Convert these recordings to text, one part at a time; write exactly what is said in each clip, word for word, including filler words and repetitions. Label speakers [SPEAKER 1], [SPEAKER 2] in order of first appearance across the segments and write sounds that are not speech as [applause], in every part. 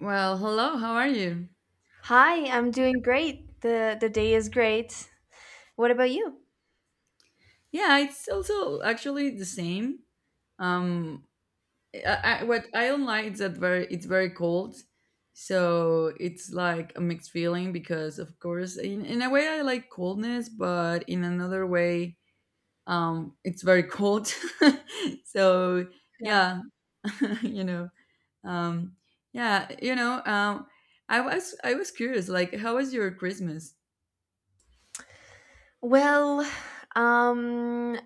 [SPEAKER 1] Well, hello, how are you?
[SPEAKER 2] Hi, I'm doing great. The the day is great. What about you?
[SPEAKER 1] Yeah, it's also actually the same. Um, I, I, what I don't like is that very it's very cold, so it's like a mixed feeling because of course in, in a way I like coldness, but in another way, um, it's very cold. [laughs] So
[SPEAKER 2] Yeah.
[SPEAKER 1] yeah, [laughs] you know, um, yeah, you know, um, I was I was curious, like, how was your Christmas?
[SPEAKER 2] Well, um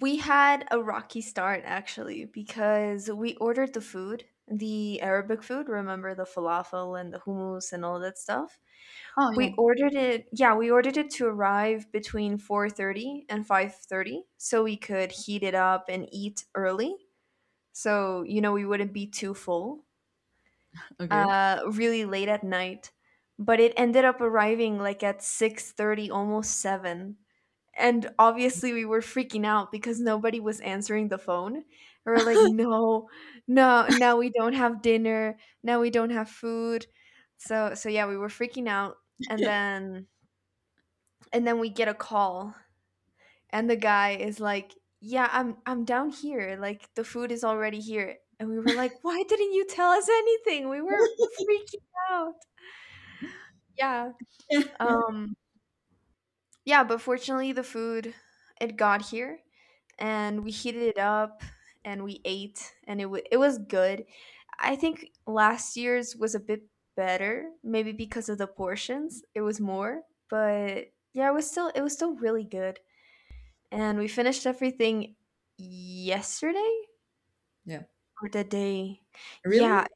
[SPEAKER 2] we had a rocky start actually because we ordered the food, the Arabic food, remember the falafel and the hummus and all that stuff?
[SPEAKER 1] Oh
[SPEAKER 2] We
[SPEAKER 1] yeah.
[SPEAKER 2] ordered it, yeah, we ordered it to arrive between four thirty and five thirty so we could heat it up and eat early. So, you know, we wouldn't be too full,
[SPEAKER 1] Okay.
[SPEAKER 2] uh, really late at night, but it ended up arriving like at six thirty, almost seven. And obviously we were freaking out because nobody was answering the phone. We we're like,
[SPEAKER 1] [laughs]
[SPEAKER 2] "No, no, now we don't have dinner. Now we don't have food." So so yeah, we were freaking out and then and then we get a call and the guy is like, "Yeah, I'm I'm down here. Like the food is already here." And we were like, "Why didn't you tell us anything? We were freaking out." Yeah, um, yeah, but fortunately the food it got here and we heated it up and we ate and it wa it was good. I think last year's was a bit better, maybe because of the portions. It was more, but yeah, it was still it was still really good. And we finished everything yesterday
[SPEAKER 1] Yeah.
[SPEAKER 2] or the day. Yeah,
[SPEAKER 1] Really?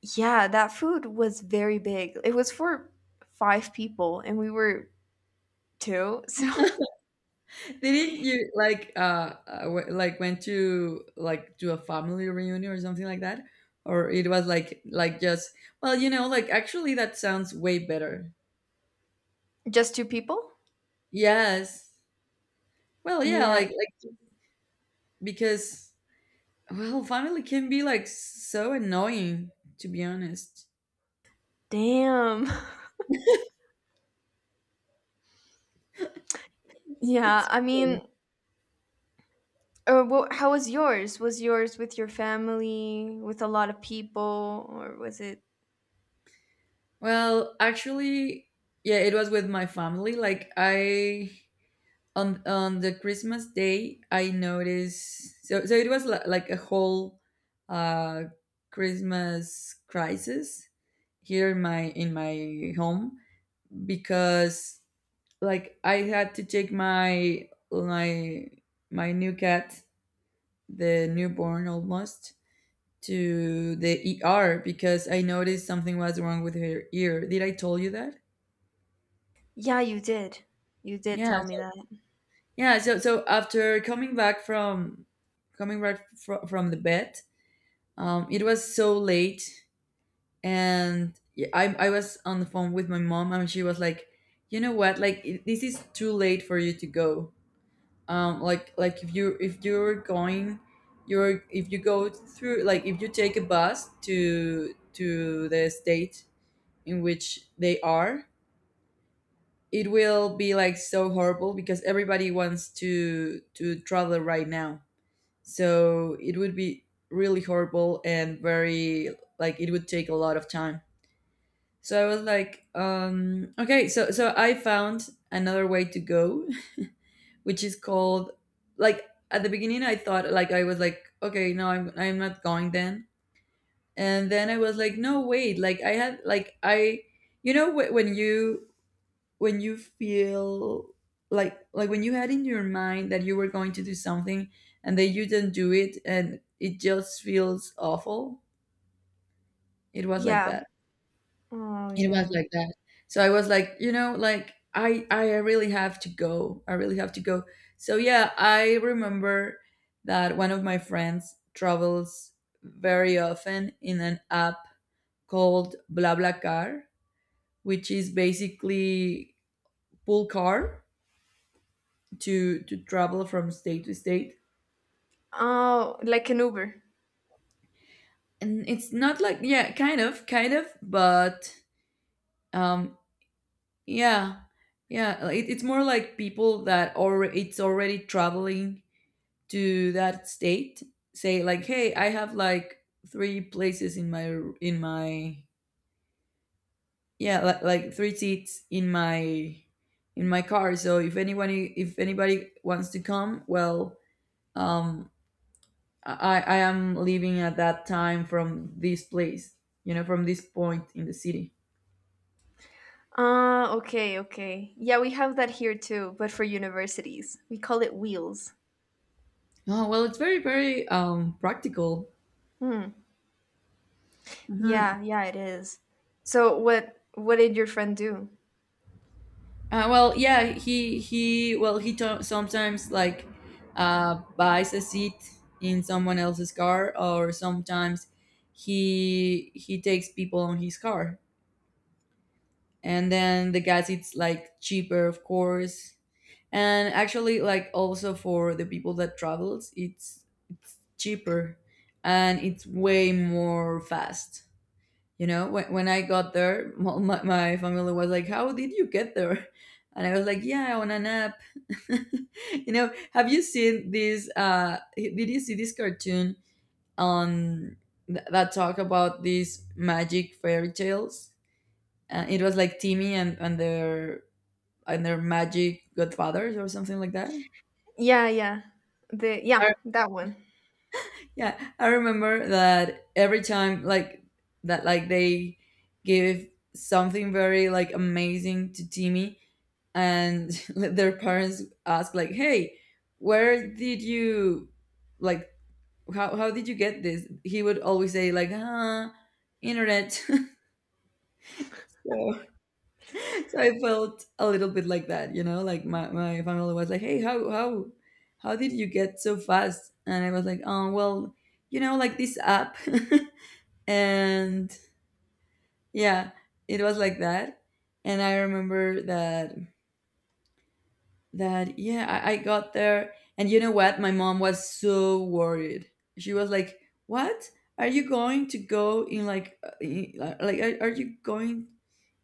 [SPEAKER 2] yeah, that food was very big. It was for five people and we were two, so [laughs]
[SPEAKER 1] Didn't you like, uh uh, w- like went to like do a family reunion or something like that? Or it was like, like just, well, you know, like, actually that sounds way better.
[SPEAKER 2] Just two people?
[SPEAKER 1] Yes. Well, yeah,
[SPEAKER 2] Yeah,
[SPEAKER 1] like, like because, well, family can be like so annoying, to be honest.
[SPEAKER 2] damn. [laughs] Yeah,
[SPEAKER 1] It's
[SPEAKER 2] I
[SPEAKER 1] real.
[SPEAKER 2] mean, uh, wha how was yours? Was yours with your family, with a lot of people, or was it?
[SPEAKER 1] Well, actually, yeah, it was with my family. Like I, on on the Christmas day, I noticed. So so it was li- like a whole uh, Christmas crisis here in my in my home because, like, I had to take my my my new cat, the newborn almost, to the E R because I noticed something was wrong with her ear. Did I tell you that?
[SPEAKER 2] Yeah, you did. You did
[SPEAKER 1] Yeah.
[SPEAKER 2] tell me
[SPEAKER 1] So,
[SPEAKER 2] that.
[SPEAKER 1] yeah. So so after coming back from coming back fr- from the vet. Um, it was so late, and yeah, I I was on the phone with my mom, and she was like, "You know what? Like, it- this is too late for you to go. Um, like, like if you if you're going, you're if you go through, like, if you take a bus to to the state in which they are." It will be like so horrible because everybody wants to to travel right now. So it would be really horrible, and very, like, it would take a lot of time. So I was like, um, okay, so so I found another way to go, [laughs] which is called, like, at the beginning I thought, like, I was like, okay, no, I'm I'm not going then. And then I was like, no, wait, like, I had, like, I, you know, wh- when you when you feel like, like when you had in your mind that you were going to do something, and then you didn't do it, and it just feels awful. It was like
[SPEAKER 2] Yeah.
[SPEAKER 1] that.
[SPEAKER 2] Oh,
[SPEAKER 1] It was
[SPEAKER 2] yeah.
[SPEAKER 1] like that. So I was like, you know, like, i i really have to go, I really have to go. So yeah, I remember that one of my friends travels very often in an app called blablacar, which is basically pool car to to travel from state to state.
[SPEAKER 2] Oh, like an Uber.
[SPEAKER 1] And it's not like, yeah, kind of, kind of but um yeah yeah it, it's more like people that already it's already traveling to that state. Say like, hey, I have, like, three places in my in my, yeah, like, like three seats in my in my car. So if anyone if anybody wants to come, well, um I, I am living at that time from this place, you know, from this point in the city.
[SPEAKER 2] Ah, okay, okay. Yeah, we have that here too, but for universities. We call it wheels.
[SPEAKER 1] Oh, well, it's very very, um, practical.
[SPEAKER 2] Hmm.
[SPEAKER 1] Mhm.
[SPEAKER 2] Yeah, yeah, it is. So what what did your friend do?
[SPEAKER 1] Uh, well, yeah, he he well, he to- sometimes, like, uh, buys a seat in someone else's car, or sometimes he he takes people on his car, and then the gas, it's like cheaper, of course. And actually, like, also for the people that travels, it's cheaper and it's way more fast. You know, when, when I got there, [laughs] mo- my, my family was like, "How did you get there?" [laughs] And I was like, "Yeah, on an app." [laughs] You know, have you seen this? Uh, did you see this cartoon, on th- that talk about these magic fairy tales? Uh, it was like Timmy, and, and their and their magic godfathers or something like that.
[SPEAKER 2] Yeah, yeah. The yeah, that one.
[SPEAKER 1] Yeah, I remember that every time, like, that like they give something very, like, amazing to Timmy, and [laughs] their parents ask, like, "Hey, where did you, like, how how, did you get this?" He would always say, like, "Huh, internet." [laughs] So, so I felt a little bit like that, you know, like my my family was like, "Hey, how how how did you get so fast?" And I was like, "Oh, well, you know, like, this app." [laughs] And yeah, it was like that. And I remember that that, yeah, I, I got there. And you know what? My mom was so worried. She was like, "What, are you going to go in, like, uh, in- uh, like, are, are you going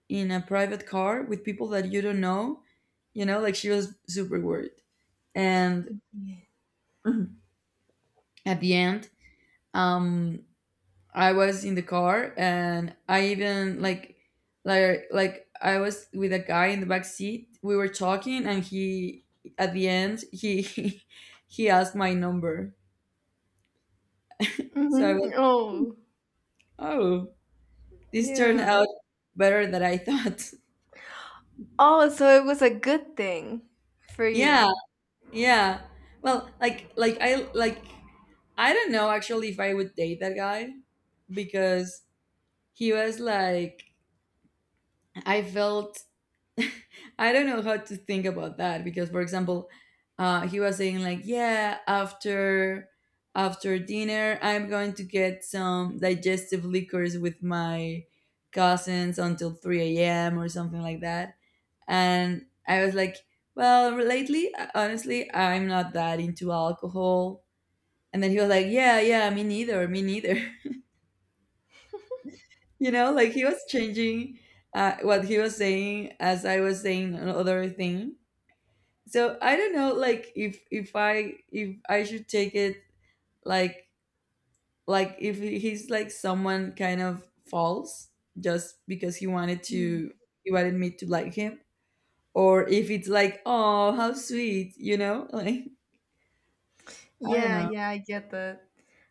[SPEAKER 1] in a private car with people that you don't know?" You know, like, she was super worried. And
[SPEAKER 2] Yeah.
[SPEAKER 1] [clears throat] at the end, um I was in the car, and I even, like, like like I was with a guy in the back seat. We were talking, and he at the end, he [laughs] he asked my number. So I
[SPEAKER 2] Mhm.
[SPEAKER 1] was
[SPEAKER 2] Oh,
[SPEAKER 1] like, oh, this turned
[SPEAKER 2] yeah.
[SPEAKER 1] out better than I thought.
[SPEAKER 2] Oh, so it was a good thing for
[SPEAKER 1] [laughs] Yeah,
[SPEAKER 2] you.
[SPEAKER 1] yeah. Well, like, like I like I don't know, actually, if I would date that guy, because he was like, I felt, [laughs] I don't know how to think about that, because, for example, uh, he was saying like, "Yeah, after after dinner, I'm going to get some digestive liquors with my cousins until three a m or something like that." And I was like, "Well, lately, honestly, I'm not that into alcohol." And then he was like, "Yeah, yeah, me neither, me neither." [laughs] You know, like, he was changing, uh, what he was saying as I was saying another thing. So I don't know, like, if if i if i should take it, like, like if he's like someone kind of false just because he wanted
[SPEAKER 2] Mm.
[SPEAKER 1] to he wanted me to like him, or if it's like, oh, how sweet, you know? [laughs] Like, I don't
[SPEAKER 2] Yeah,
[SPEAKER 1] know.
[SPEAKER 2] yeah, I get that.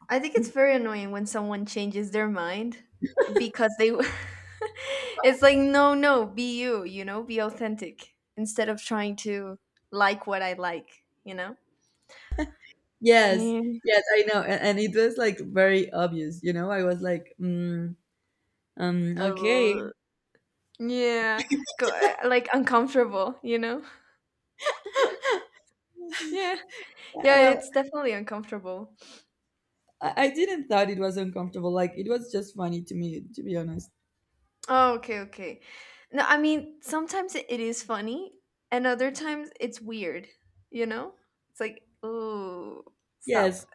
[SPEAKER 2] I think it's very annoying when someone changes their mind because they [laughs] it's like no, no, be you, you know, be authentic instead of trying to like what I like, you know?
[SPEAKER 1] Yes.
[SPEAKER 2] Yeah.
[SPEAKER 1] Yes, I know. And, and it was like very obvious, you know? I was like, mm, um
[SPEAKER 2] A
[SPEAKER 1] okay.
[SPEAKER 2] l- Yeah. Go, uh, like uncomfortable, you know? [laughs]
[SPEAKER 1] [laughs]
[SPEAKER 2] Yeah. Yeah,
[SPEAKER 1] Well,
[SPEAKER 2] it's definitely uncomfortable.
[SPEAKER 1] i I didn't thought it was uncomfortable, like it was just funny to me, to be honest.
[SPEAKER 2] Oh, okay, okay. No, I mean, sometimes it it is funny, and other times it's weird, you know? It's like, oh, stop.
[SPEAKER 1] Yes.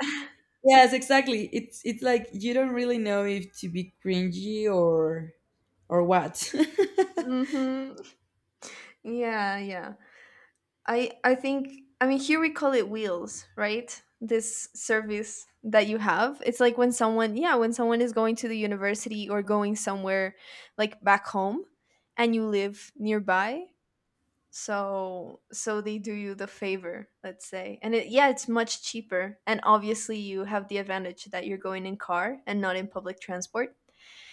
[SPEAKER 1] Yes, exactly. It's it's like you don't really know if to be cringy, or or what. [laughs]
[SPEAKER 2] Hmm. Yeah, yeah. I I think I mean here we call it wheels, right? This service that you have. It's like when someone, yeah, when someone is going to the university or going somewhere like back home and you live nearby, so so they do you the favor, let's say, and it, yeah, it's much cheaper, and obviously you have the advantage that you're going in car and not in public transport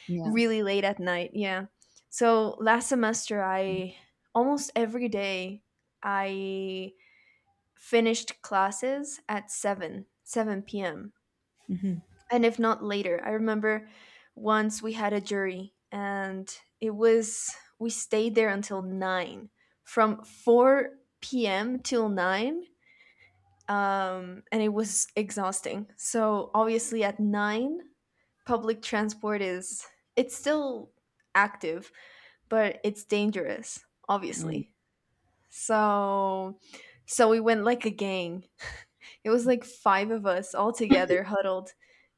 [SPEAKER 1] Yes.
[SPEAKER 2] really late at night, yeah. So last semester I, almost every day, I finished classes at 7 7 p.m.,
[SPEAKER 1] Mhm.
[SPEAKER 2] and if not later, I remember once we had a jury and it was we stayed there until nine, from four p.m. till nine, um, and it was exhausting, so obviously at nine public transport is it's still active, but it's dangerous
[SPEAKER 1] Mm.
[SPEAKER 2] obviously. So so we went like a gang. [laughs] It was like five of us all together huddled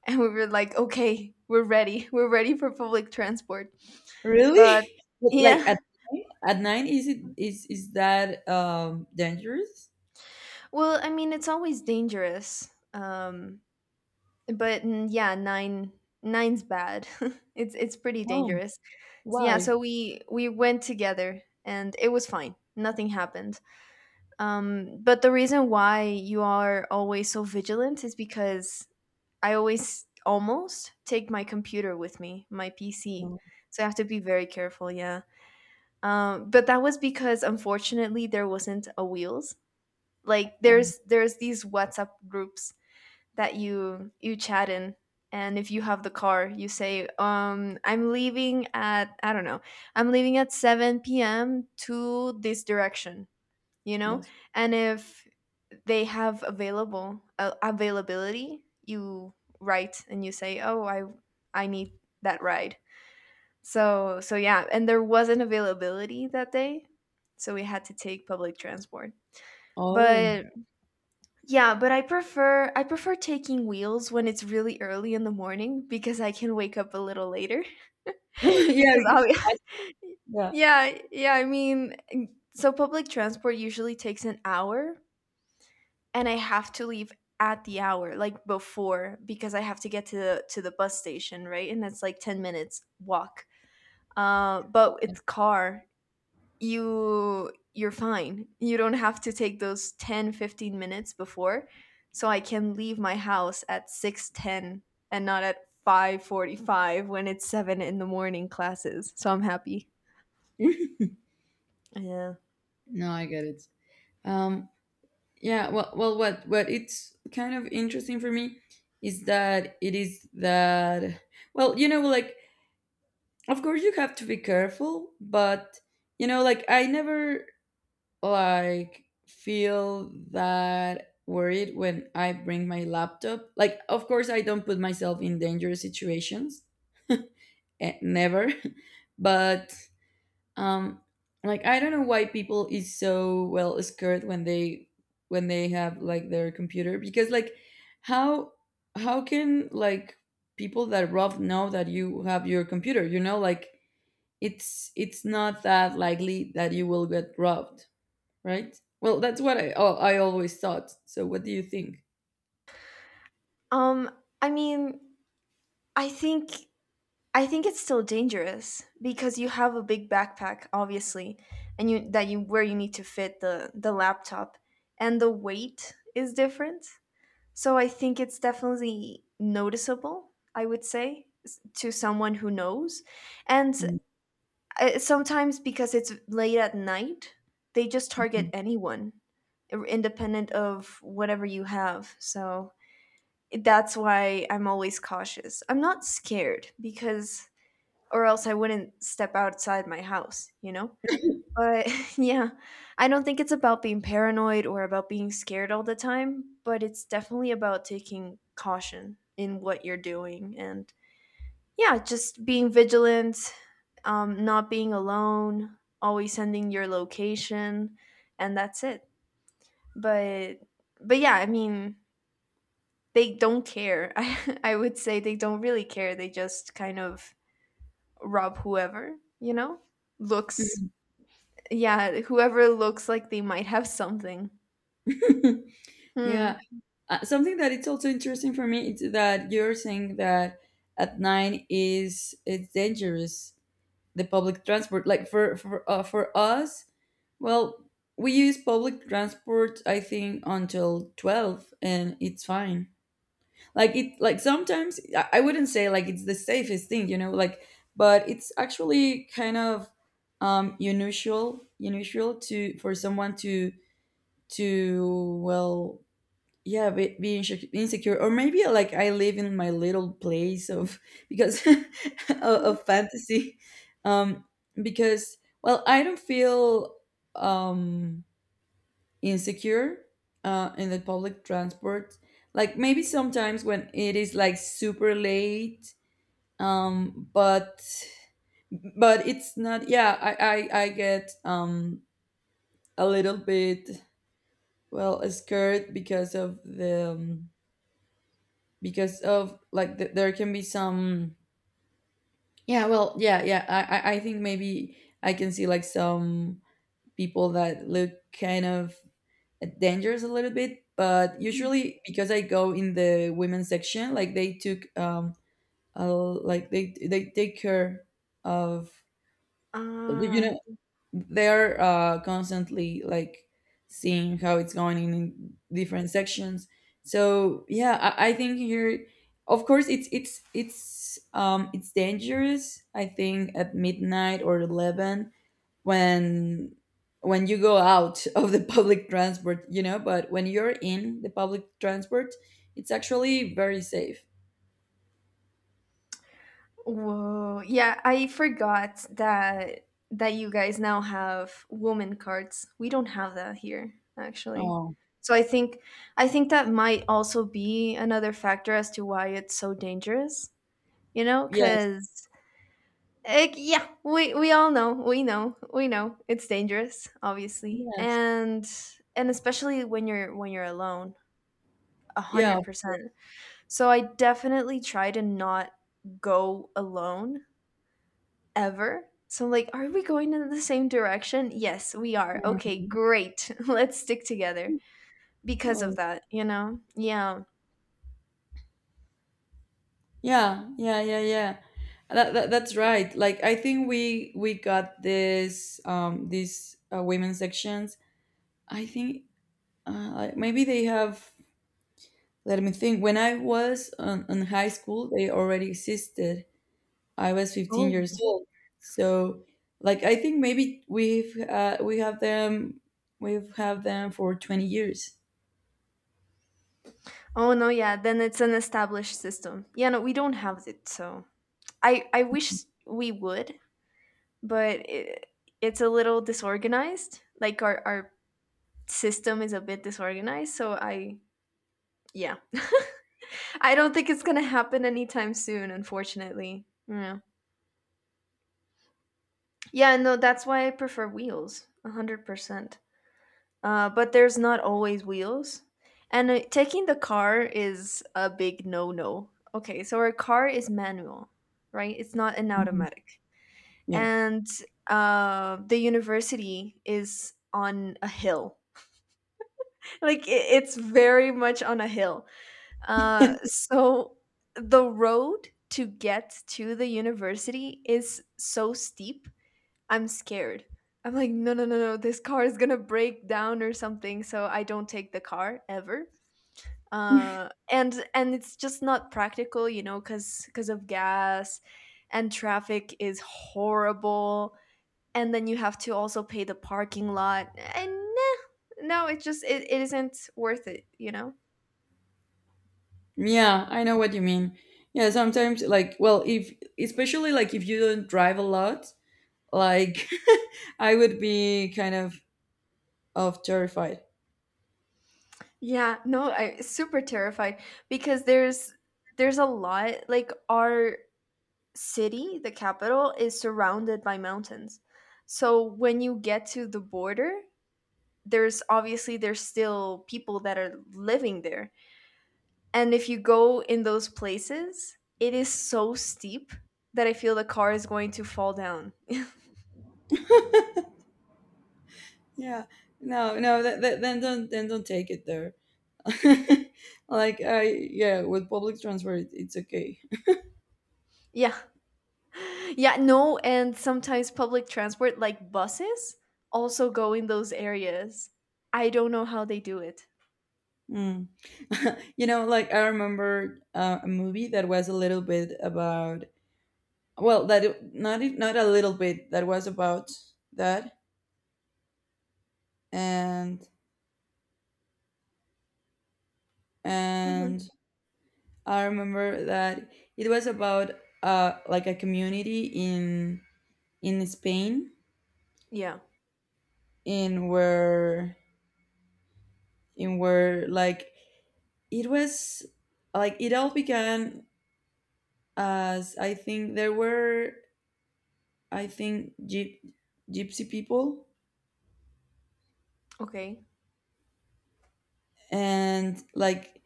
[SPEAKER 2] and we were like, "Okay, we're ready. [laughs] We're ready for public transport." But
[SPEAKER 1] Really? But, like,
[SPEAKER 2] yeah.
[SPEAKER 1] at
[SPEAKER 2] [laughs]
[SPEAKER 1] nine, at nine, is it is is that um dangerous?
[SPEAKER 2] Well, I mean, it's always dangerous. Um but mm, yeah, 9 nine's bad. [laughs] it's it's pretty
[SPEAKER 1] Oh.
[SPEAKER 2] dangerous. Yeah, so
[SPEAKER 1] Why?
[SPEAKER 2] we we went together and it was fine. Nothing happened. Um, but the reason why you are always so vigilant is because I always almost take my computer with me, my P C.
[SPEAKER 1] Oh.
[SPEAKER 2] So I have to be very careful, yeah. Um, but that was because unfortunately there wasn't a wheels. Like
[SPEAKER 1] Um,
[SPEAKER 2] there's there's these WhatsApp groups that you you chat in, and if you have the car, you say, um, I'm leaving at, I don't know, I'm leaving at seven p m to this direction, you know?
[SPEAKER 1] yes.
[SPEAKER 2] And if they have available uh, availability, you write and you say, oh, i i need that ride. So so yeah, and there wasn't availability that day, so we had to take public transport.
[SPEAKER 1] Oh,
[SPEAKER 2] But
[SPEAKER 1] [laughs]
[SPEAKER 2] yeah, but i prefer i prefer taking wheels when it's really early in the morning because I can wake up a little later,
[SPEAKER 1] yeah,
[SPEAKER 2] [laughs] because
[SPEAKER 1] because
[SPEAKER 2] I'll
[SPEAKER 1] it's
[SPEAKER 2] be,
[SPEAKER 1] fast.
[SPEAKER 2] [laughs]
[SPEAKER 1] Yeah.
[SPEAKER 2] yeah, yeah, I mean, so public transport usually takes an hour and I have to leave at the hour, like before, because I have to get to the to the bus station, right? And that's like ten minutes walk. Uh, but with car, you you're fine. You don't have to take those ten fifteen minutes before. So I can leave my house at six ten and not at five forty five when it's seven in the morning classes. So I'm happy.
[SPEAKER 1] Yes.
[SPEAKER 2] Yeah.
[SPEAKER 1] [laughs] No, I get it. Um, yeah. Well, well, what what it's kind of interesting for me is that, it is that well, you know, like, of course you have to be careful, but you know, like, I never, like, feel that worried when I bring my laptop. Like, of course I don't put myself in dangerous situations, eh, never. [laughs] But um like, I don't know why people is so, well, scared when they when they have, like, their computer. Because, like, how how can, like, people that rob know that you have your computer? You know, like, it's it's not that likely that you will get robbed, right? Well, that's what I, oh, I always thought. So, what do you think?
[SPEAKER 2] Um, I mean, I think I think it's still dangerous because you have a big backpack, obviously, and you that you where you need to fit the the laptop, and the weight is different. So I think it's definitely noticeable. I would say s- to someone who knows, and
[SPEAKER 1] Mhm.
[SPEAKER 2] uh, sometimes because it's late at night, they just target anyone, ir- independent of whatever you have. So that's why I'm always cautious. I'm not scared, because or else I wouldn't step outside my house, you know? But [laughs] yeah, I don't think it's about being paranoid or about being scared all the time, but it's definitely about taking caution in what you're doing and, yeah, just being vigilant, um, not being alone, always sending your location, and that's it. But but yeah, I mean, they don't care. [laughs] I I would say they don't really care. They just kind of rob whoever, you know? Looks
[SPEAKER 1] Mhm.
[SPEAKER 2] Yeah, whoever looks like they might have something.
[SPEAKER 1] [laughs] Yeah,
[SPEAKER 2] Hmm.
[SPEAKER 1] uh, something that it's also interesting for me is that you're saying that at nine is it's dangerous, the public transport. Like, for for uh, for us, well, we use public transport, I think, until twelve, and it's fine. Like, it like sometimes, i I wouldn't say like it's the safest thing, you know, like, but it's actually kind of um unusual unusual to for someone to, to well, yeah, be, be inse- insecure, or maybe, like, I live in my little place of [laughs] because [laughs] of, of fantasy. um because, well, I don't feel, um insecure, uh, in the public transport. Like, maybe sometimes when it is like super late, um, but but it's not. Yeah, I I, I get, um a little bit, well, scared because of the um, because of, like, th there can be some. Yeah, well, yeah, yeah. I I I think maybe I can see like some people that look kind of dangerous a little bit, but usually, because I go in the women's section, like, they took, um a, like, they they take care of, you
[SPEAKER 2] Ah,
[SPEAKER 1] know, they're uh constantly, like, seeing how it's going in different sections. So yeah, i, I think here, of course, it's it's it's um it's dangerous, I think, at midnight or eleven, when when you go out [laughs] of the public transport, you know? But when you're in the public transport, it's actually very safe.
[SPEAKER 2] whoa. Yeah, I forgot that that you guys now have woman cards. We don't have that here, actually.
[SPEAKER 1] Oh.
[SPEAKER 2] So I think I think that might also be another factor as to why it's so dangerous, you know,
[SPEAKER 1] Yes.
[SPEAKER 2] cuz yeah, we we all know, we know, we know it's dangerous, obviously.
[SPEAKER 1] Yes.
[SPEAKER 2] And and especially when you're when you're alone, a
[SPEAKER 1] Yeah.
[SPEAKER 2] a hundred percent. So I definitely try to not go alone ever. So I'm like, are we going in the same direction? Yes, we are. Okay,
[SPEAKER 1] Mhm.
[SPEAKER 2] great. [laughs] Let's stick together because of
[SPEAKER 1] Oh,
[SPEAKER 2] that, you know? Yeah.
[SPEAKER 1] yeah. Yeah, yeah, yeah. That, that, that's right. Like, I think we we got this, um these uh, women's sections. I think, uh, like, maybe they have, let me think, when I was on, on high school, they already existed. I was fifteen
[SPEAKER 2] Oh,
[SPEAKER 1] years old. So, like, I think maybe we've uh, we have them we've had them for twenty years.
[SPEAKER 2] oh no, yeah, then it's an established system. Yeah, no, we don't have it, so I I wish we would, but it, it's a little disorganized. Like our our system is a bit disorganized, so I, yeah, I don't think it's gonna happen anytime soon, unfortunately. Yeah. Yeah, no, that's why I prefer wheels, a hundred percent. Uh, but there's not always wheels, and uh, taking the car is a big no-no. Okay, so our car is manual, right? It's not an
[SPEAKER 1] Mhm.
[SPEAKER 2] automatic,
[SPEAKER 1] Yeah,
[SPEAKER 2] and uh, the university is on a hill. [laughs] Like it, it's very much on a hill. Uh, so the road to get to the university is so steep. I'm scared. I'm like, no, no, no, no. This car is gonna break down or something. So I don't take the car ever. Uh, and and it's just not practical, you know, cause because of gas, and traffic is horrible. And then you have to also pay the parking lot. And nah, no, it just it, it isn't worth it, you know.
[SPEAKER 1] yeah, I know what you mean. Yeah, sometimes like, well, if especially like if you don't drive a lot, like [laughs] I would be kind of of terrified.
[SPEAKER 2] Yeah, no, I super terrified because there's there's a lot, like, our city, the capital, is surrounded by mountains. So when you get to the border, there's obviously, there's still people that are living there. And if you go in those places, it is so steep that I feel the car is going to fall down. [laughs]
[SPEAKER 1] Yeah, no, no, that, that, then don't then don't take it there. [laughs] like, I yeah, with public transport, it's okay.
[SPEAKER 2] Yeah, yeah, no, and sometimes public transport like buses also go in those areas. I don't know how they do it.
[SPEAKER 1] Mm. [laughs] you know, like I remember uh, a movie that was a little bit about well, that it- not e- not a little bit that was about that, and
[SPEAKER 2] Hmm.
[SPEAKER 1] and I remember that it was about uh like a community in in Spain
[SPEAKER 2] Yeah.
[SPEAKER 1] in where in where like it was like it all began as I think there were I think gyp gypsy people
[SPEAKER 2] Okay.
[SPEAKER 1] and like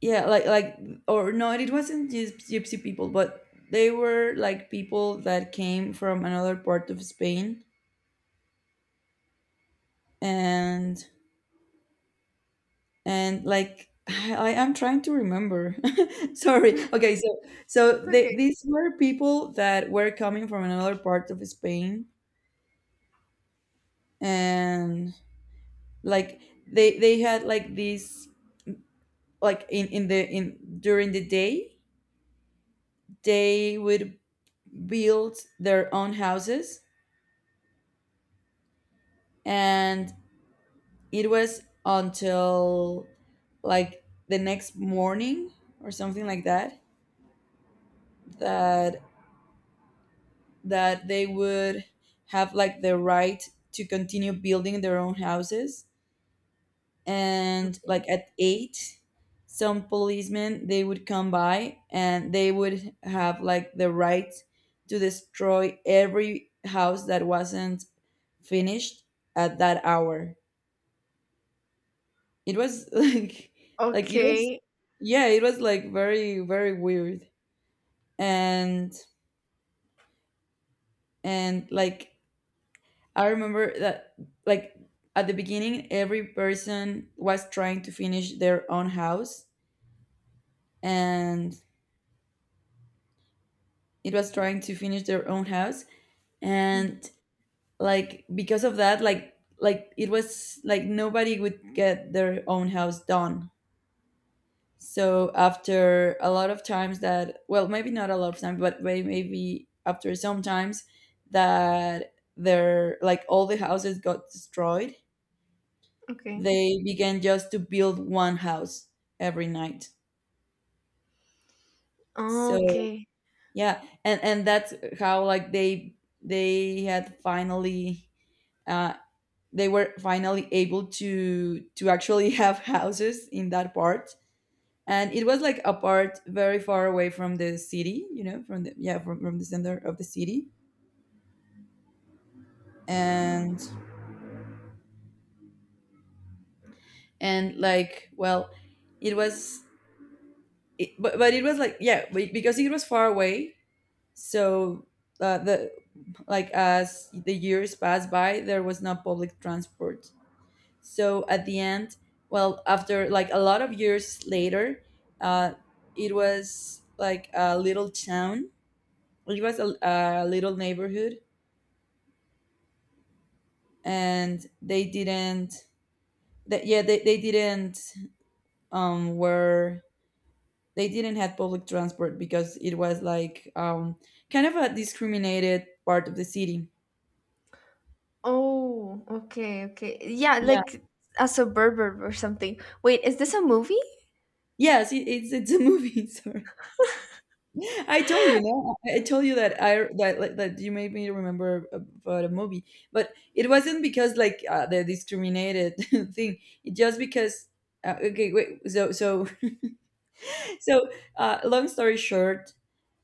[SPEAKER 1] yeah like like or no it wasn't just gypsy people, but they were like people that came from another part of Spain. And and like [sighs] I am trying to remember. [laughs] Sorry. Okay, so so
[SPEAKER 2] It's
[SPEAKER 1] they,
[SPEAKER 2] okay.
[SPEAKER 1] these were people that were coming from another part of Spain. And like they they had like these like in in the in during the day, they would build their own houses. And it was until like the next morning or something like that, that that they would have like the right to continue building their own houses.
[SPEAKER 2] It's
[SPEAKER 1] And
[SPEAKER 2] okay.
[SPEAKER 1] like at eight, some policemen they would come by and they would have like the right to destroy every house that wasn't finished at that hour. It was [laughs] like like it was
[SPEAKER 2] Okay.
[SPEAKER 1] yeah, it was like very very weird. and and like I remember that like at the beginning, every person was trying to finish their own house, and it was trying to finish their own house.
[SPEAKER 2] Mm.
[SPEAKER 1] And like because of that, like like it was like nobody would get their own house done. So after a lot of times that, well, maybe not a lot of times but may- maybe after some times that their like all the houses got destroyed,
[SPEAKER 2] Okay.
[SPEAKER 1] they began just to build one house every night. So
[SPEAKER 2] Okay.
[SPEAKER 1] yeah, and and that's how like they they had finally uh, they were finally able to to actually [laughs] have houses in that part. And it was like apart, very far away from the city, you know, from the yeah from, from the center of the city. and and like, well, it was it, but, but it was like yeah be- because it was far away. So uh, the like as the years passed by, there was no public transport. So at the end, well, after like a lot of years later, uh, it was like a little town, it was a, a little neighborhood. And they didn't that yeah they, they didn't um were they didn't have public transport because it was like um kind of a discriminated part of the city.
[SPEAKER 2] Oh, okay, okay. Yeah,
[SPEAKER 1] Yeah,
[SPEAKER 2] like a suburban or something. Wait, is this a movie?
[SPEAKER 1] yes it, it's it's a movie. [laughs] Sorry. I told you, no, I I told you that I that like, that you made me remember about a movie, but it wasn't because like uh, the discriminated [laughs] thing. It just because uh, okay, wait, so so so uh, long story short.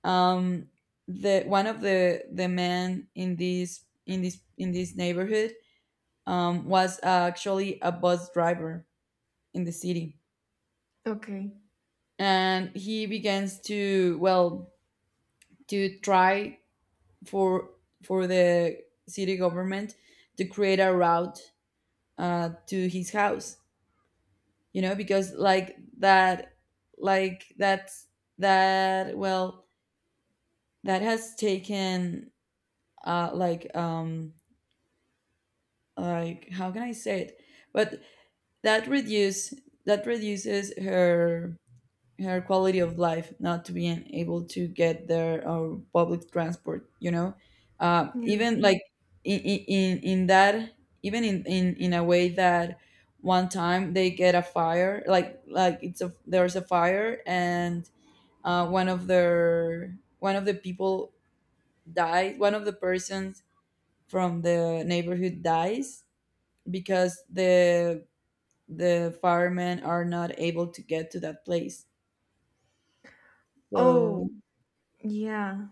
[SPEAKER 1] um, the one of the the men in this in this in this neighborhood um, was actually a bus driver in the city.
[SPEAKER 2] Okay.
[SPEAKER 1] And he begins to, well, to try for for the city government to create a route uh, to his house, you know, because like that like that's that, well, that has taken uh, like um, like how can I say it? But that reduce that reduces her her quality of life, not to being able to get their uh public transport. You know, uh,
[SPEAKER 2] Yeah.
[SPEAKER 1] even like in in in that even in, in in a way that one time they get a fire like like it's a there's a fire. And uh, one of their one of the people died, one of the persons from the neighborhood dies because the the firemen are not able to get to that place. So
[SPEAKER 2] Oh, yeah.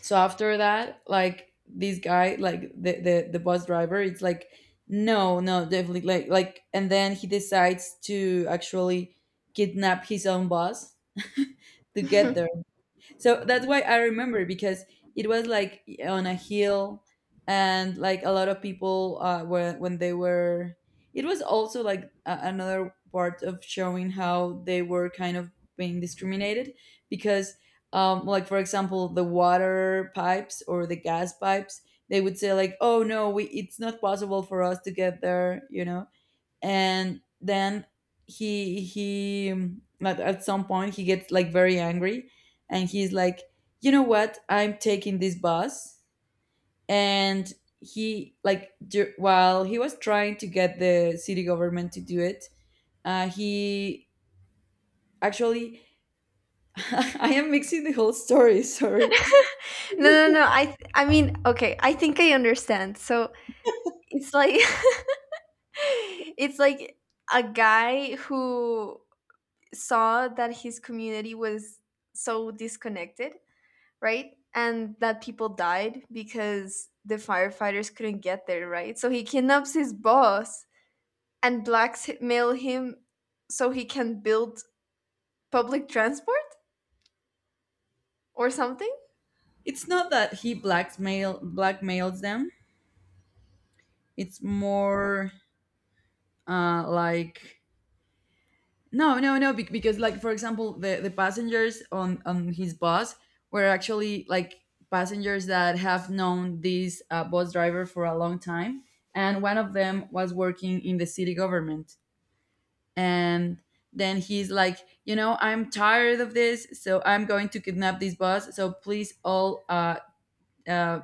[SPEAKER 1] so after that, like this guy, like the the, the bus driver, it's like no, no, definitely like like and then he decides to actually kidnap his own boss [laughs] to
[SPEAKER 2] [laughs]
[SPEAKER 1] get.
[SPEAKER 2] No,
[SPEAKER 1] So that's why I remember, because it was like on a hill and like a lot of people uh were when they were, it was also like a- another part of showing how they were kind of being discriminated, because um like for example, the water pipes or the gas pipes, they would say like, oh no, we, it's not possible for us to get there, you know. And then he he um, at, at some point he gets like very angry and he's like, you know what, I'm taking this bus. And he like dur- while he was trying to get the city government to do it, uh, he actually [laughs] I am mixing the whole story. [laughs] Sorry.
[SPEAKER 2] no, no. I th- I mean, okay, I think I understand. So, it's like [laughs] it's like a guy who saw that his community was so disconnected, right? And that people died because the firefighters couldn't get there, right? So he kidnaps his boss and blackmail him so he can build public transport or something?
[SPEAKER 1] It's not that he blackmail blackmails them. It's more uh, like no, no, no, bec- because like for example, the the passengers on on his bus were actually like passengers that have known this uh, bus driver for a long time, and one of them was working in the city government. And then he's like, you know, I'm tired of this, so I'm going to kidnap this bus. So please all uh, uh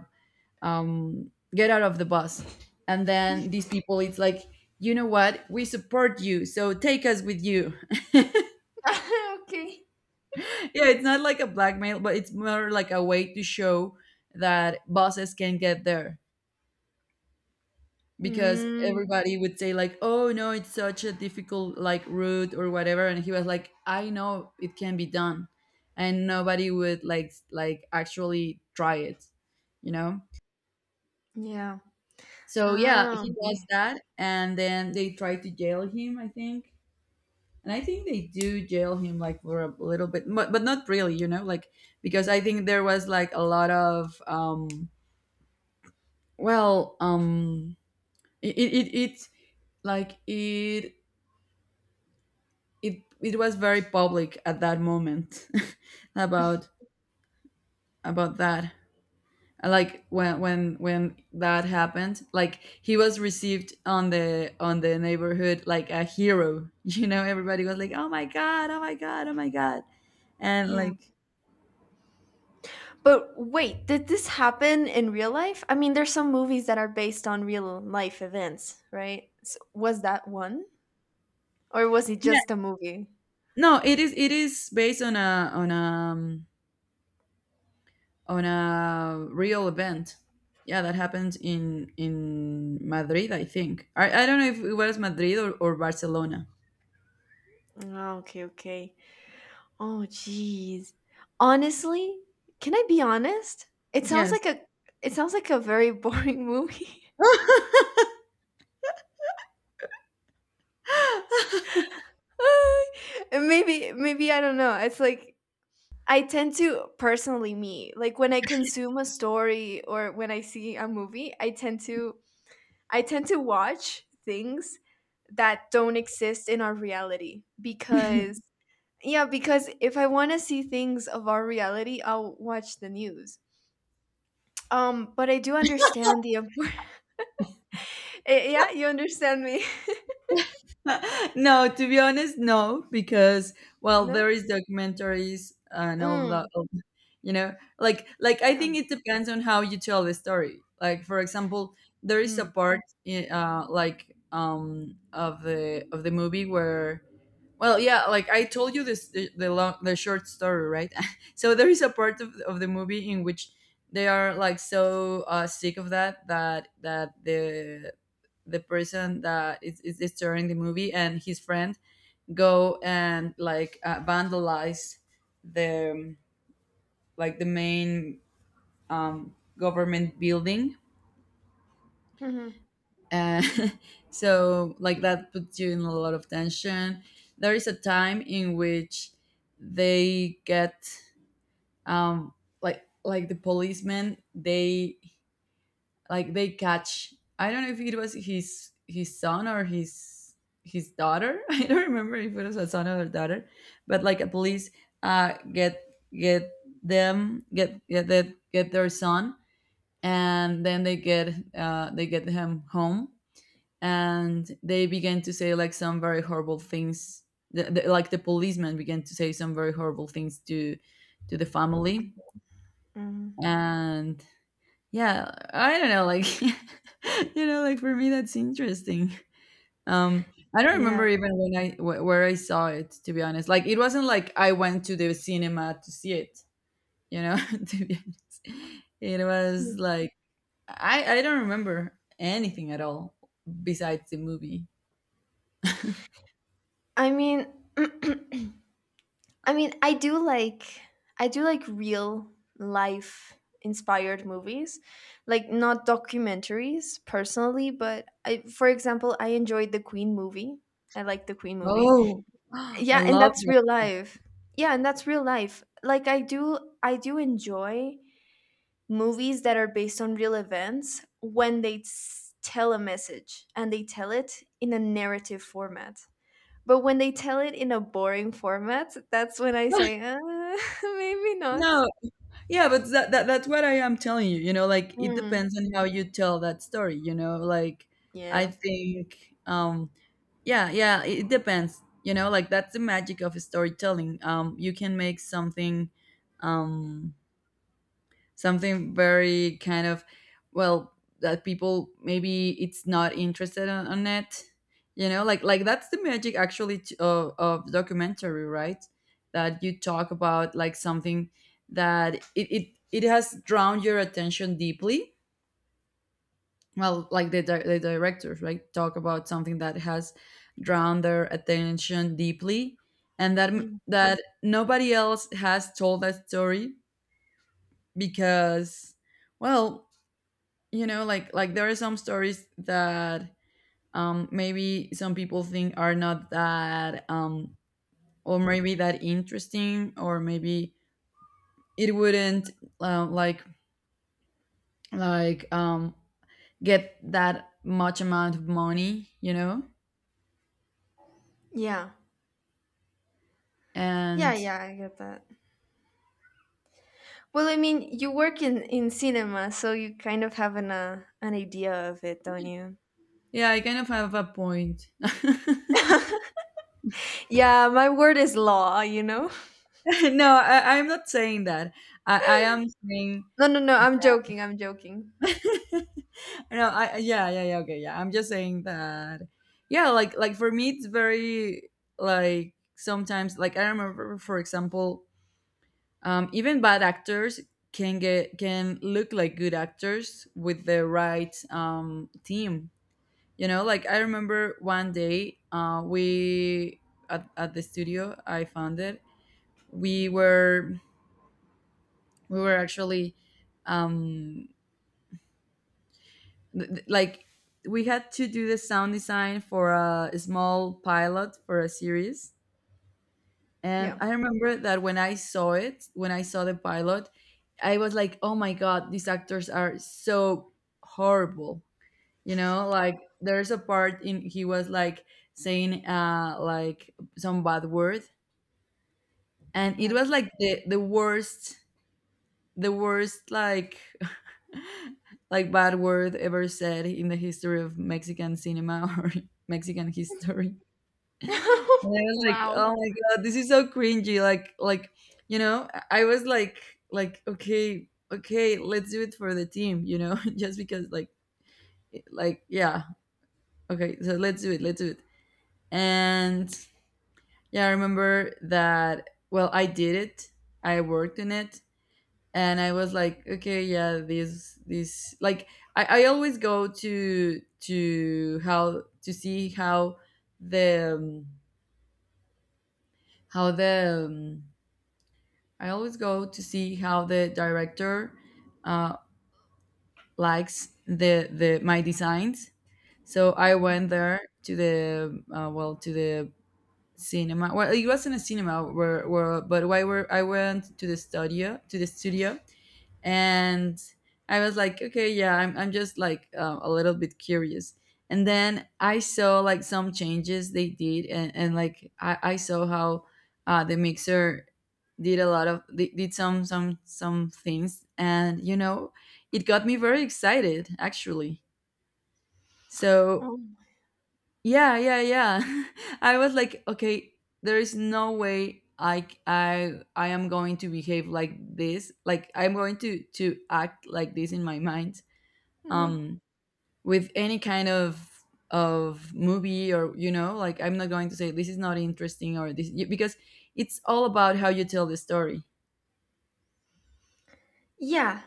[SPEAKER 1] um get out of the bus. And then these people, it's like, you know what, we support you, so take us with you.
[SPEAKER 2] [laughs] Okay.
[SPEAKER 1] Yeah, it's not like a blackmail, but it's more like a way to show that bosses can get there, because
[SPEAKER 2] Mm,
[SPEAKER 1] everybody would say like, "Oh no, it's such a difficult like route or whatever," and he was like, "I know it can be done," and nobody would like like actually try it, you know.
[SPEAKER 2] yeah.
[SPEAKER 1] So yeah,
[SPEAKER 2] Ah,
[SPEAKER 1] he does
[SPEAKER 2] okay.
[SPEAKER 1] that, and then they try to jail him, I think. And I think they do jail him like for a little bit, but, but not really, you know, like because I think there was like a lot of um well, um, it it it, it like it it it was very public at that moment [laughs] about about that. Uh, Like when when when that happened, like he was received on the on the neighborhood like a hero. [laughs] You know, everybody was like, "Oh my god! Oh my god! Oh my god!" And
[SPEAKER 2] Yeah.
[SPEAKER 1] like,
[SPEAKER 2] But wait, did this happen in real life? I mean, there's some movies that are based on real life events, right? So was that one? Or was it
[SPEAKER 1] yeah,
[SPEAKER 2] just a movie?
[SPEAKER 1] no, it is it is based on a on a um, on a real event. Yeah, that happened in in Madrid, I think. I, I don't know if it was Madrid or, or Barcelona.
[SPEAKER 2] Ah, okay, okay. Oh, jeez. Honestly, can I be honest? It sounds
[SPEAKER 1] Yes.
[SPEAKER 2] like a it sounds like a very boring [laughs] movie. [laughs] And maybe maybe I don't know. It's like I tend to personally me like when I consume a story or when I see a movie, I tend to I tend to watch things that don't exist in our reality because yeah, because if I want to see things of our reality, I'll watch the news. Um, but I do understand the import. [laughs] Eh, yeah, you understand me. [laughs]
[SPEAKER 1] [laughs] No, to be honest, no, because well,
[SPEAKER 2] No?
[SPEAKER 1] there is documentaries and all that.
[SPEAKER 2] Mm,
[SPEAKER 1] all- You know, like like I
[SPEAKER 2] yeah.
[SPEAKER 1] think it depends on how you tell the story. Like for example, there is a
[SPEAKER 2] Mm.
[SPEAKER 1] part in, uh, like um of the of the movie where, well, yeah, like I told you this the, the long the short story, right? [laughs] So there is a part of, of the movie in which they are like so uh, sick of that that that the the person that is, is, is touring the movie and his friend go and like uh, vandalize the um, like the main um, government building.
[SPEAKER 2] Hmm.
[SPEAKER 1] Uh, [laughs] so like that puts you in a lot of tension. There is a time in which they get um like like the policemen they like they catch, I don't know if it was his his son or his his daughter. [laughs] I don't remember if it was a son or a daughter, but like a police uh get get them get get, the, get their son. And then they get uh they get him home, and they began to say like some very horrible things. the, the, like the policeman began to say some very horrible things to to the family.
[SPEAKER 2] Mm.
[SPEAKER 1] And yeah, I don't know, like [laughs] you know, like for me that's interesting. um I don't
[SPEAKER 2] Yeah.
[SPEAKER 1] remember even when i wh- where I saw it, to be honest. Like it wasn't like I went to the cinema to see it, you know. [laughs] To be honest, it was like i I don't remember anything at all besides the movie.
[SPEAKER 2] I mean, [clears throat] I mean, I do like I do like real life inspired movies, like not documentaries personally, but I, for example, I enjoyed the Queen movie. I like the Queen movie.
[SPEAKER 1] Oh, [gasps] I
[SPEAKER 2] Yeah, and
[SPEAKER 1] love
[SPEAKER 2] that's
[SPEAKER 1] that.
[SPEAKER 2] real life. Yeah, and that's real life. Like I do I do enjoy movies that are based on real events when they s- tell a message and they tell it in a narrative format. But when they tell it in a boring format, that's when I say,
[SPEAKER 1] [laughs]
[SPEAKER 2] "Uh, [laughs] maybe not."
[SPEAKER 1] No, yeah, but that, that that's what I am telling you. You know, like it
[SPEAKER 2] Mm,
[SPEAKER 1] depends on how you tell that story. You know, like I
[SPEAKER 2] yeah.
[SPEAKER 1] think, um, yeah, yeah, it, it depends. You know, like that's the magic of storytelling. Um, you can make something, um, something very kind of well that people maybe it's not interested on, on it. you know like like that's the magic actually t- of, of documentary, right? That you talk about like something that it, it it has drawn your attention deeply. Well like the, di- the directors, right, talk about something that has drawn their attention deeply. And that
[SPEAKER 2] Y-
[SPEAKER 1] that nobody else has told that story because, well you know, like like there are some stories that, um maybe some people think are not that, um or maybe that interesting, or maybe it wouldn't, uh, like like um get that much amount of money, you know.
[SPEAKER 2] Yeah. Yeah,
[SPEAKER 1] And
[SPEAKER 2] yeah, I get that. Well, I mean, you work in in cinema, so you kind of have an uh, an idea of it, don't you?
[SPEAKER 1] yeah, I kind of have a point. [laughs] [laughs]
[SPEAKER 2] Yeah, my word is law, you know? [laughs]
[SPEAKER 1] No, I, I'm not saying that. I, I am saying.
[SPEAKER 2] No, no, no, I'm joking. I'm joking.
[SPEAKER 1] [laughs] No, I, yeah, yeah, yeah, okay, yeah. I'm just saying that, yeah, like like for me it's very, like sometimes, like I remember for example, um even bad actors can get can look like good actors with the right um team. You know, like I remember one day uh we at, at the studio I found it, we were we were actually, um th- th- like we had to do the sound design for a small pilot for a series. And
[SPEAKER 2] Yeah.
[SPEAKER 1] I remember that when I saw it, when I saw the pilot, I was like, oh my god, these actors are so horrible. You know, like there's a part in, he was like saying, uh like some bad word, and it
[SPEAKER 2] Yeah.
[SPEAKER 1] was like the the worst the worst, like [laughs] like bad word ever said in the history of Mexican cinema, [laughs] or Mexican history. And I
[SPEAKER 2] [laughs]
[SPEAKER 1] was like,
[SPEAKER 2] Wow.
[SPEAKER 1] oh my god, this is so cringy. Like like you know, I I was like, like okay, okay, let's do it for the team, you know, [laughs] just because like like yeah, okay, so let's do it, let's do it. And yeah, I remember that, well, I did it. I worked on it and I was like, okay, yeah, this, this, like I, I always go to to how to see how the um, how the um, I always go to see how the director, uh, likes the the my designs. So I went there to the, uh, well to the cinema. Well, it wasn't a cinema where where but why were I went to the studio, to the studio and I was like, okay, yeah, I'm, I'm just like, uh, a little bit curious. And then I saw like some changes they did, and, and like I, I saw how, uh, the mixer did a lot of, did did some some some things. And you know, it got me very excited actually. So
[SPEAKER 2] Oh.
[SPEAKER 1] yeah, yeah, yeah. [laughs] I was like, okay, there is no way I I I am going to behave like this. Like I'm going to to act like this in my mind.
[SPEAKER 2] Mhm.
[SPEAKER 1] Um with any kind of of movie, or you know, like I'm not going to say this is not interesting or this, because it's all about how you tell the story.
[SPEAKER 2] Yeah.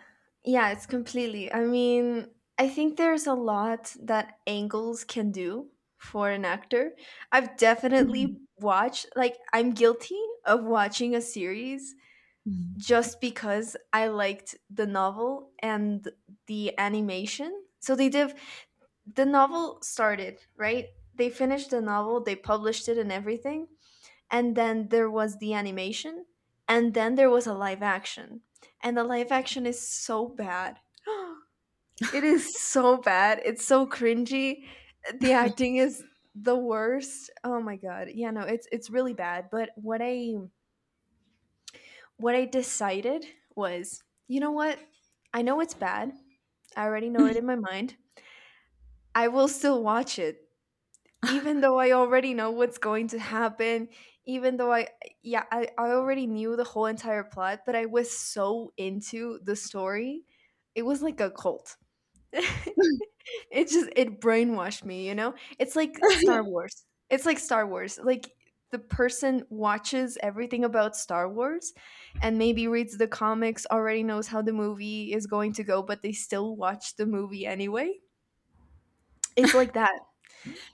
[SPEAKER 2] Yeah, it's completely. I mean, I think there's a lot that angles can do for an actor. I've definitely watched, like, I'm guilty of watching a series
[SPEAKER 1] Mhm.
[SPEAKER 2] just because I liked the novel and the animation. So they did, the novel started, right? They finished the novel, they published it and everything, and then there was the animation, and then there was a live action, and the live action is so bad. [gasps] It is so bad, it's so cringy. The acting is the worst. Oh my god. Yeah, no, it's it's really bad. But what i what i decided was, you know what, I know it's bad. I already know it in my mind. I will still watch it, even
[SPEAKER 1] [laughs]
[SPEAKER 2] though I already know what's going to happen, even though I, yeah, I, I already knew the whole entire plot, but I was so into the story. It was like a cult. [laughs] It just, it brainwashed me, you know? It's like Star Wars. It's like Star Wars. Like, the person watches everything about Star Wars and maybe reads the comics, already knows how the movie is going to go, but they still watch the movie anyway. It's like that.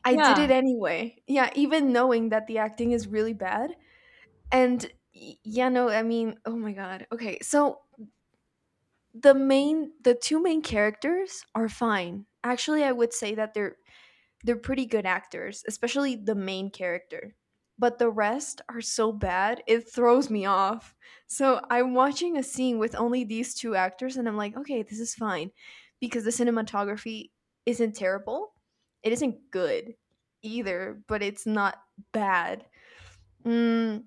[SPEAKER 2] I did
[SPEAKER 1] Yeah.
[SPEAKER 2] it anyway. Yeah, even knowing that the acting is really bad. And y- yeah, no, I mean, oh my god. Okay, so the main the two main characters are fine. Actually, I would say that they're they're pretty good actors, especially the main character. But the rest are so bad, it throws me off. So I'm watching a scene with only these two actors, and I'm like, okay, this is fine. Because the cinematography isn't terrible. It isn't good either, but it's not bad. Mm,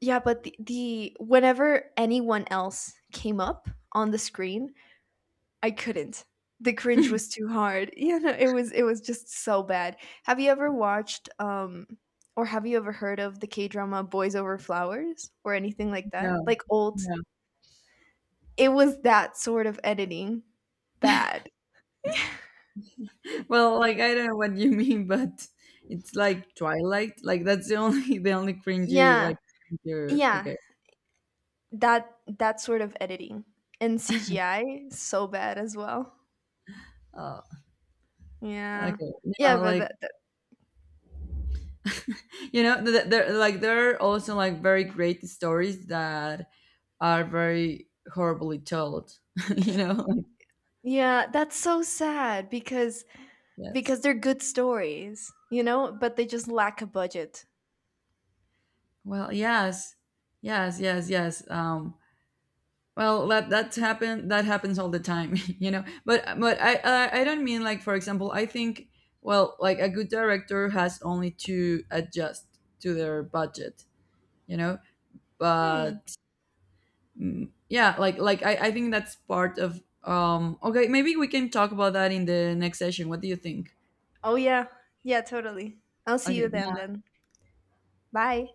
[SPEAKER 2] yeah, but the, the whenever anyone else came up on the screen, I couldn't. The cringe was
[SPEAKER 1] [laughs]
[SPEAKER 2] too hard. [laughs] You know, it was it was just so bad. Have you ever watched um or have you ever heard of the K-drama Boys Over Flowers or anything like that?
[SPEAKER 1] No.
[SPEAKER 2] Like old,
[SPEAKER 1] No.
[SPEAKER 2] it was that sort of editing. Bad.
[SPEAKER 1] Well, like I don't know what you [laughs] mean, but it's like Twilight. Like that's the only [laughs] the only cringy
[SPEAKER 2] Yeah.
[SPEAKER 1] like. You
[SPEAKER 2] Yeah.
[SPEAKER 1] okay.
[SPEAKER 2] That that sort of editing. And C G I so bad as well.
[SPEAKER 1] Uh,
[SPEAKER 2] Yeah.
[SPEAKER 1] okay.
[SPEAKER 2] Yeah,
[SPEAKER 1] Yeah,
[SPEAKER 2] but
[SPEAKER 1] like
[SPEAKER 2] that, that
[SPEAKER 1] you know, th- th- there like there are also like very great stories that are very horribly told, [laughs] you know. Like,
[SPEAKER 2] yeah, that's so sad because
[SPEAKER 1] yes.
[SPEAKER 2] because they're good stories, you know, but they just lack a budget.
[SPEAKER 1] Well, yes, yes, yes, yes. Um, well, that that's happened. That happens all the time, [laughs] you know. But but I, I I don't mean like for example. I think, well, like a good director has only to adjust to their budget, you know.
[SPEAKER 2] Hmm.
[SPEAKER 1] But mm, yeah, like like I I think that's part of um. Okay, maybe we can talk about that in the next session. What do you think?
[SPEAKER 2] Oh yeah. Yeah, totally. I'll see
[SPEAKER 1] Okay,
[SPEAKER 2] you then then. Bye.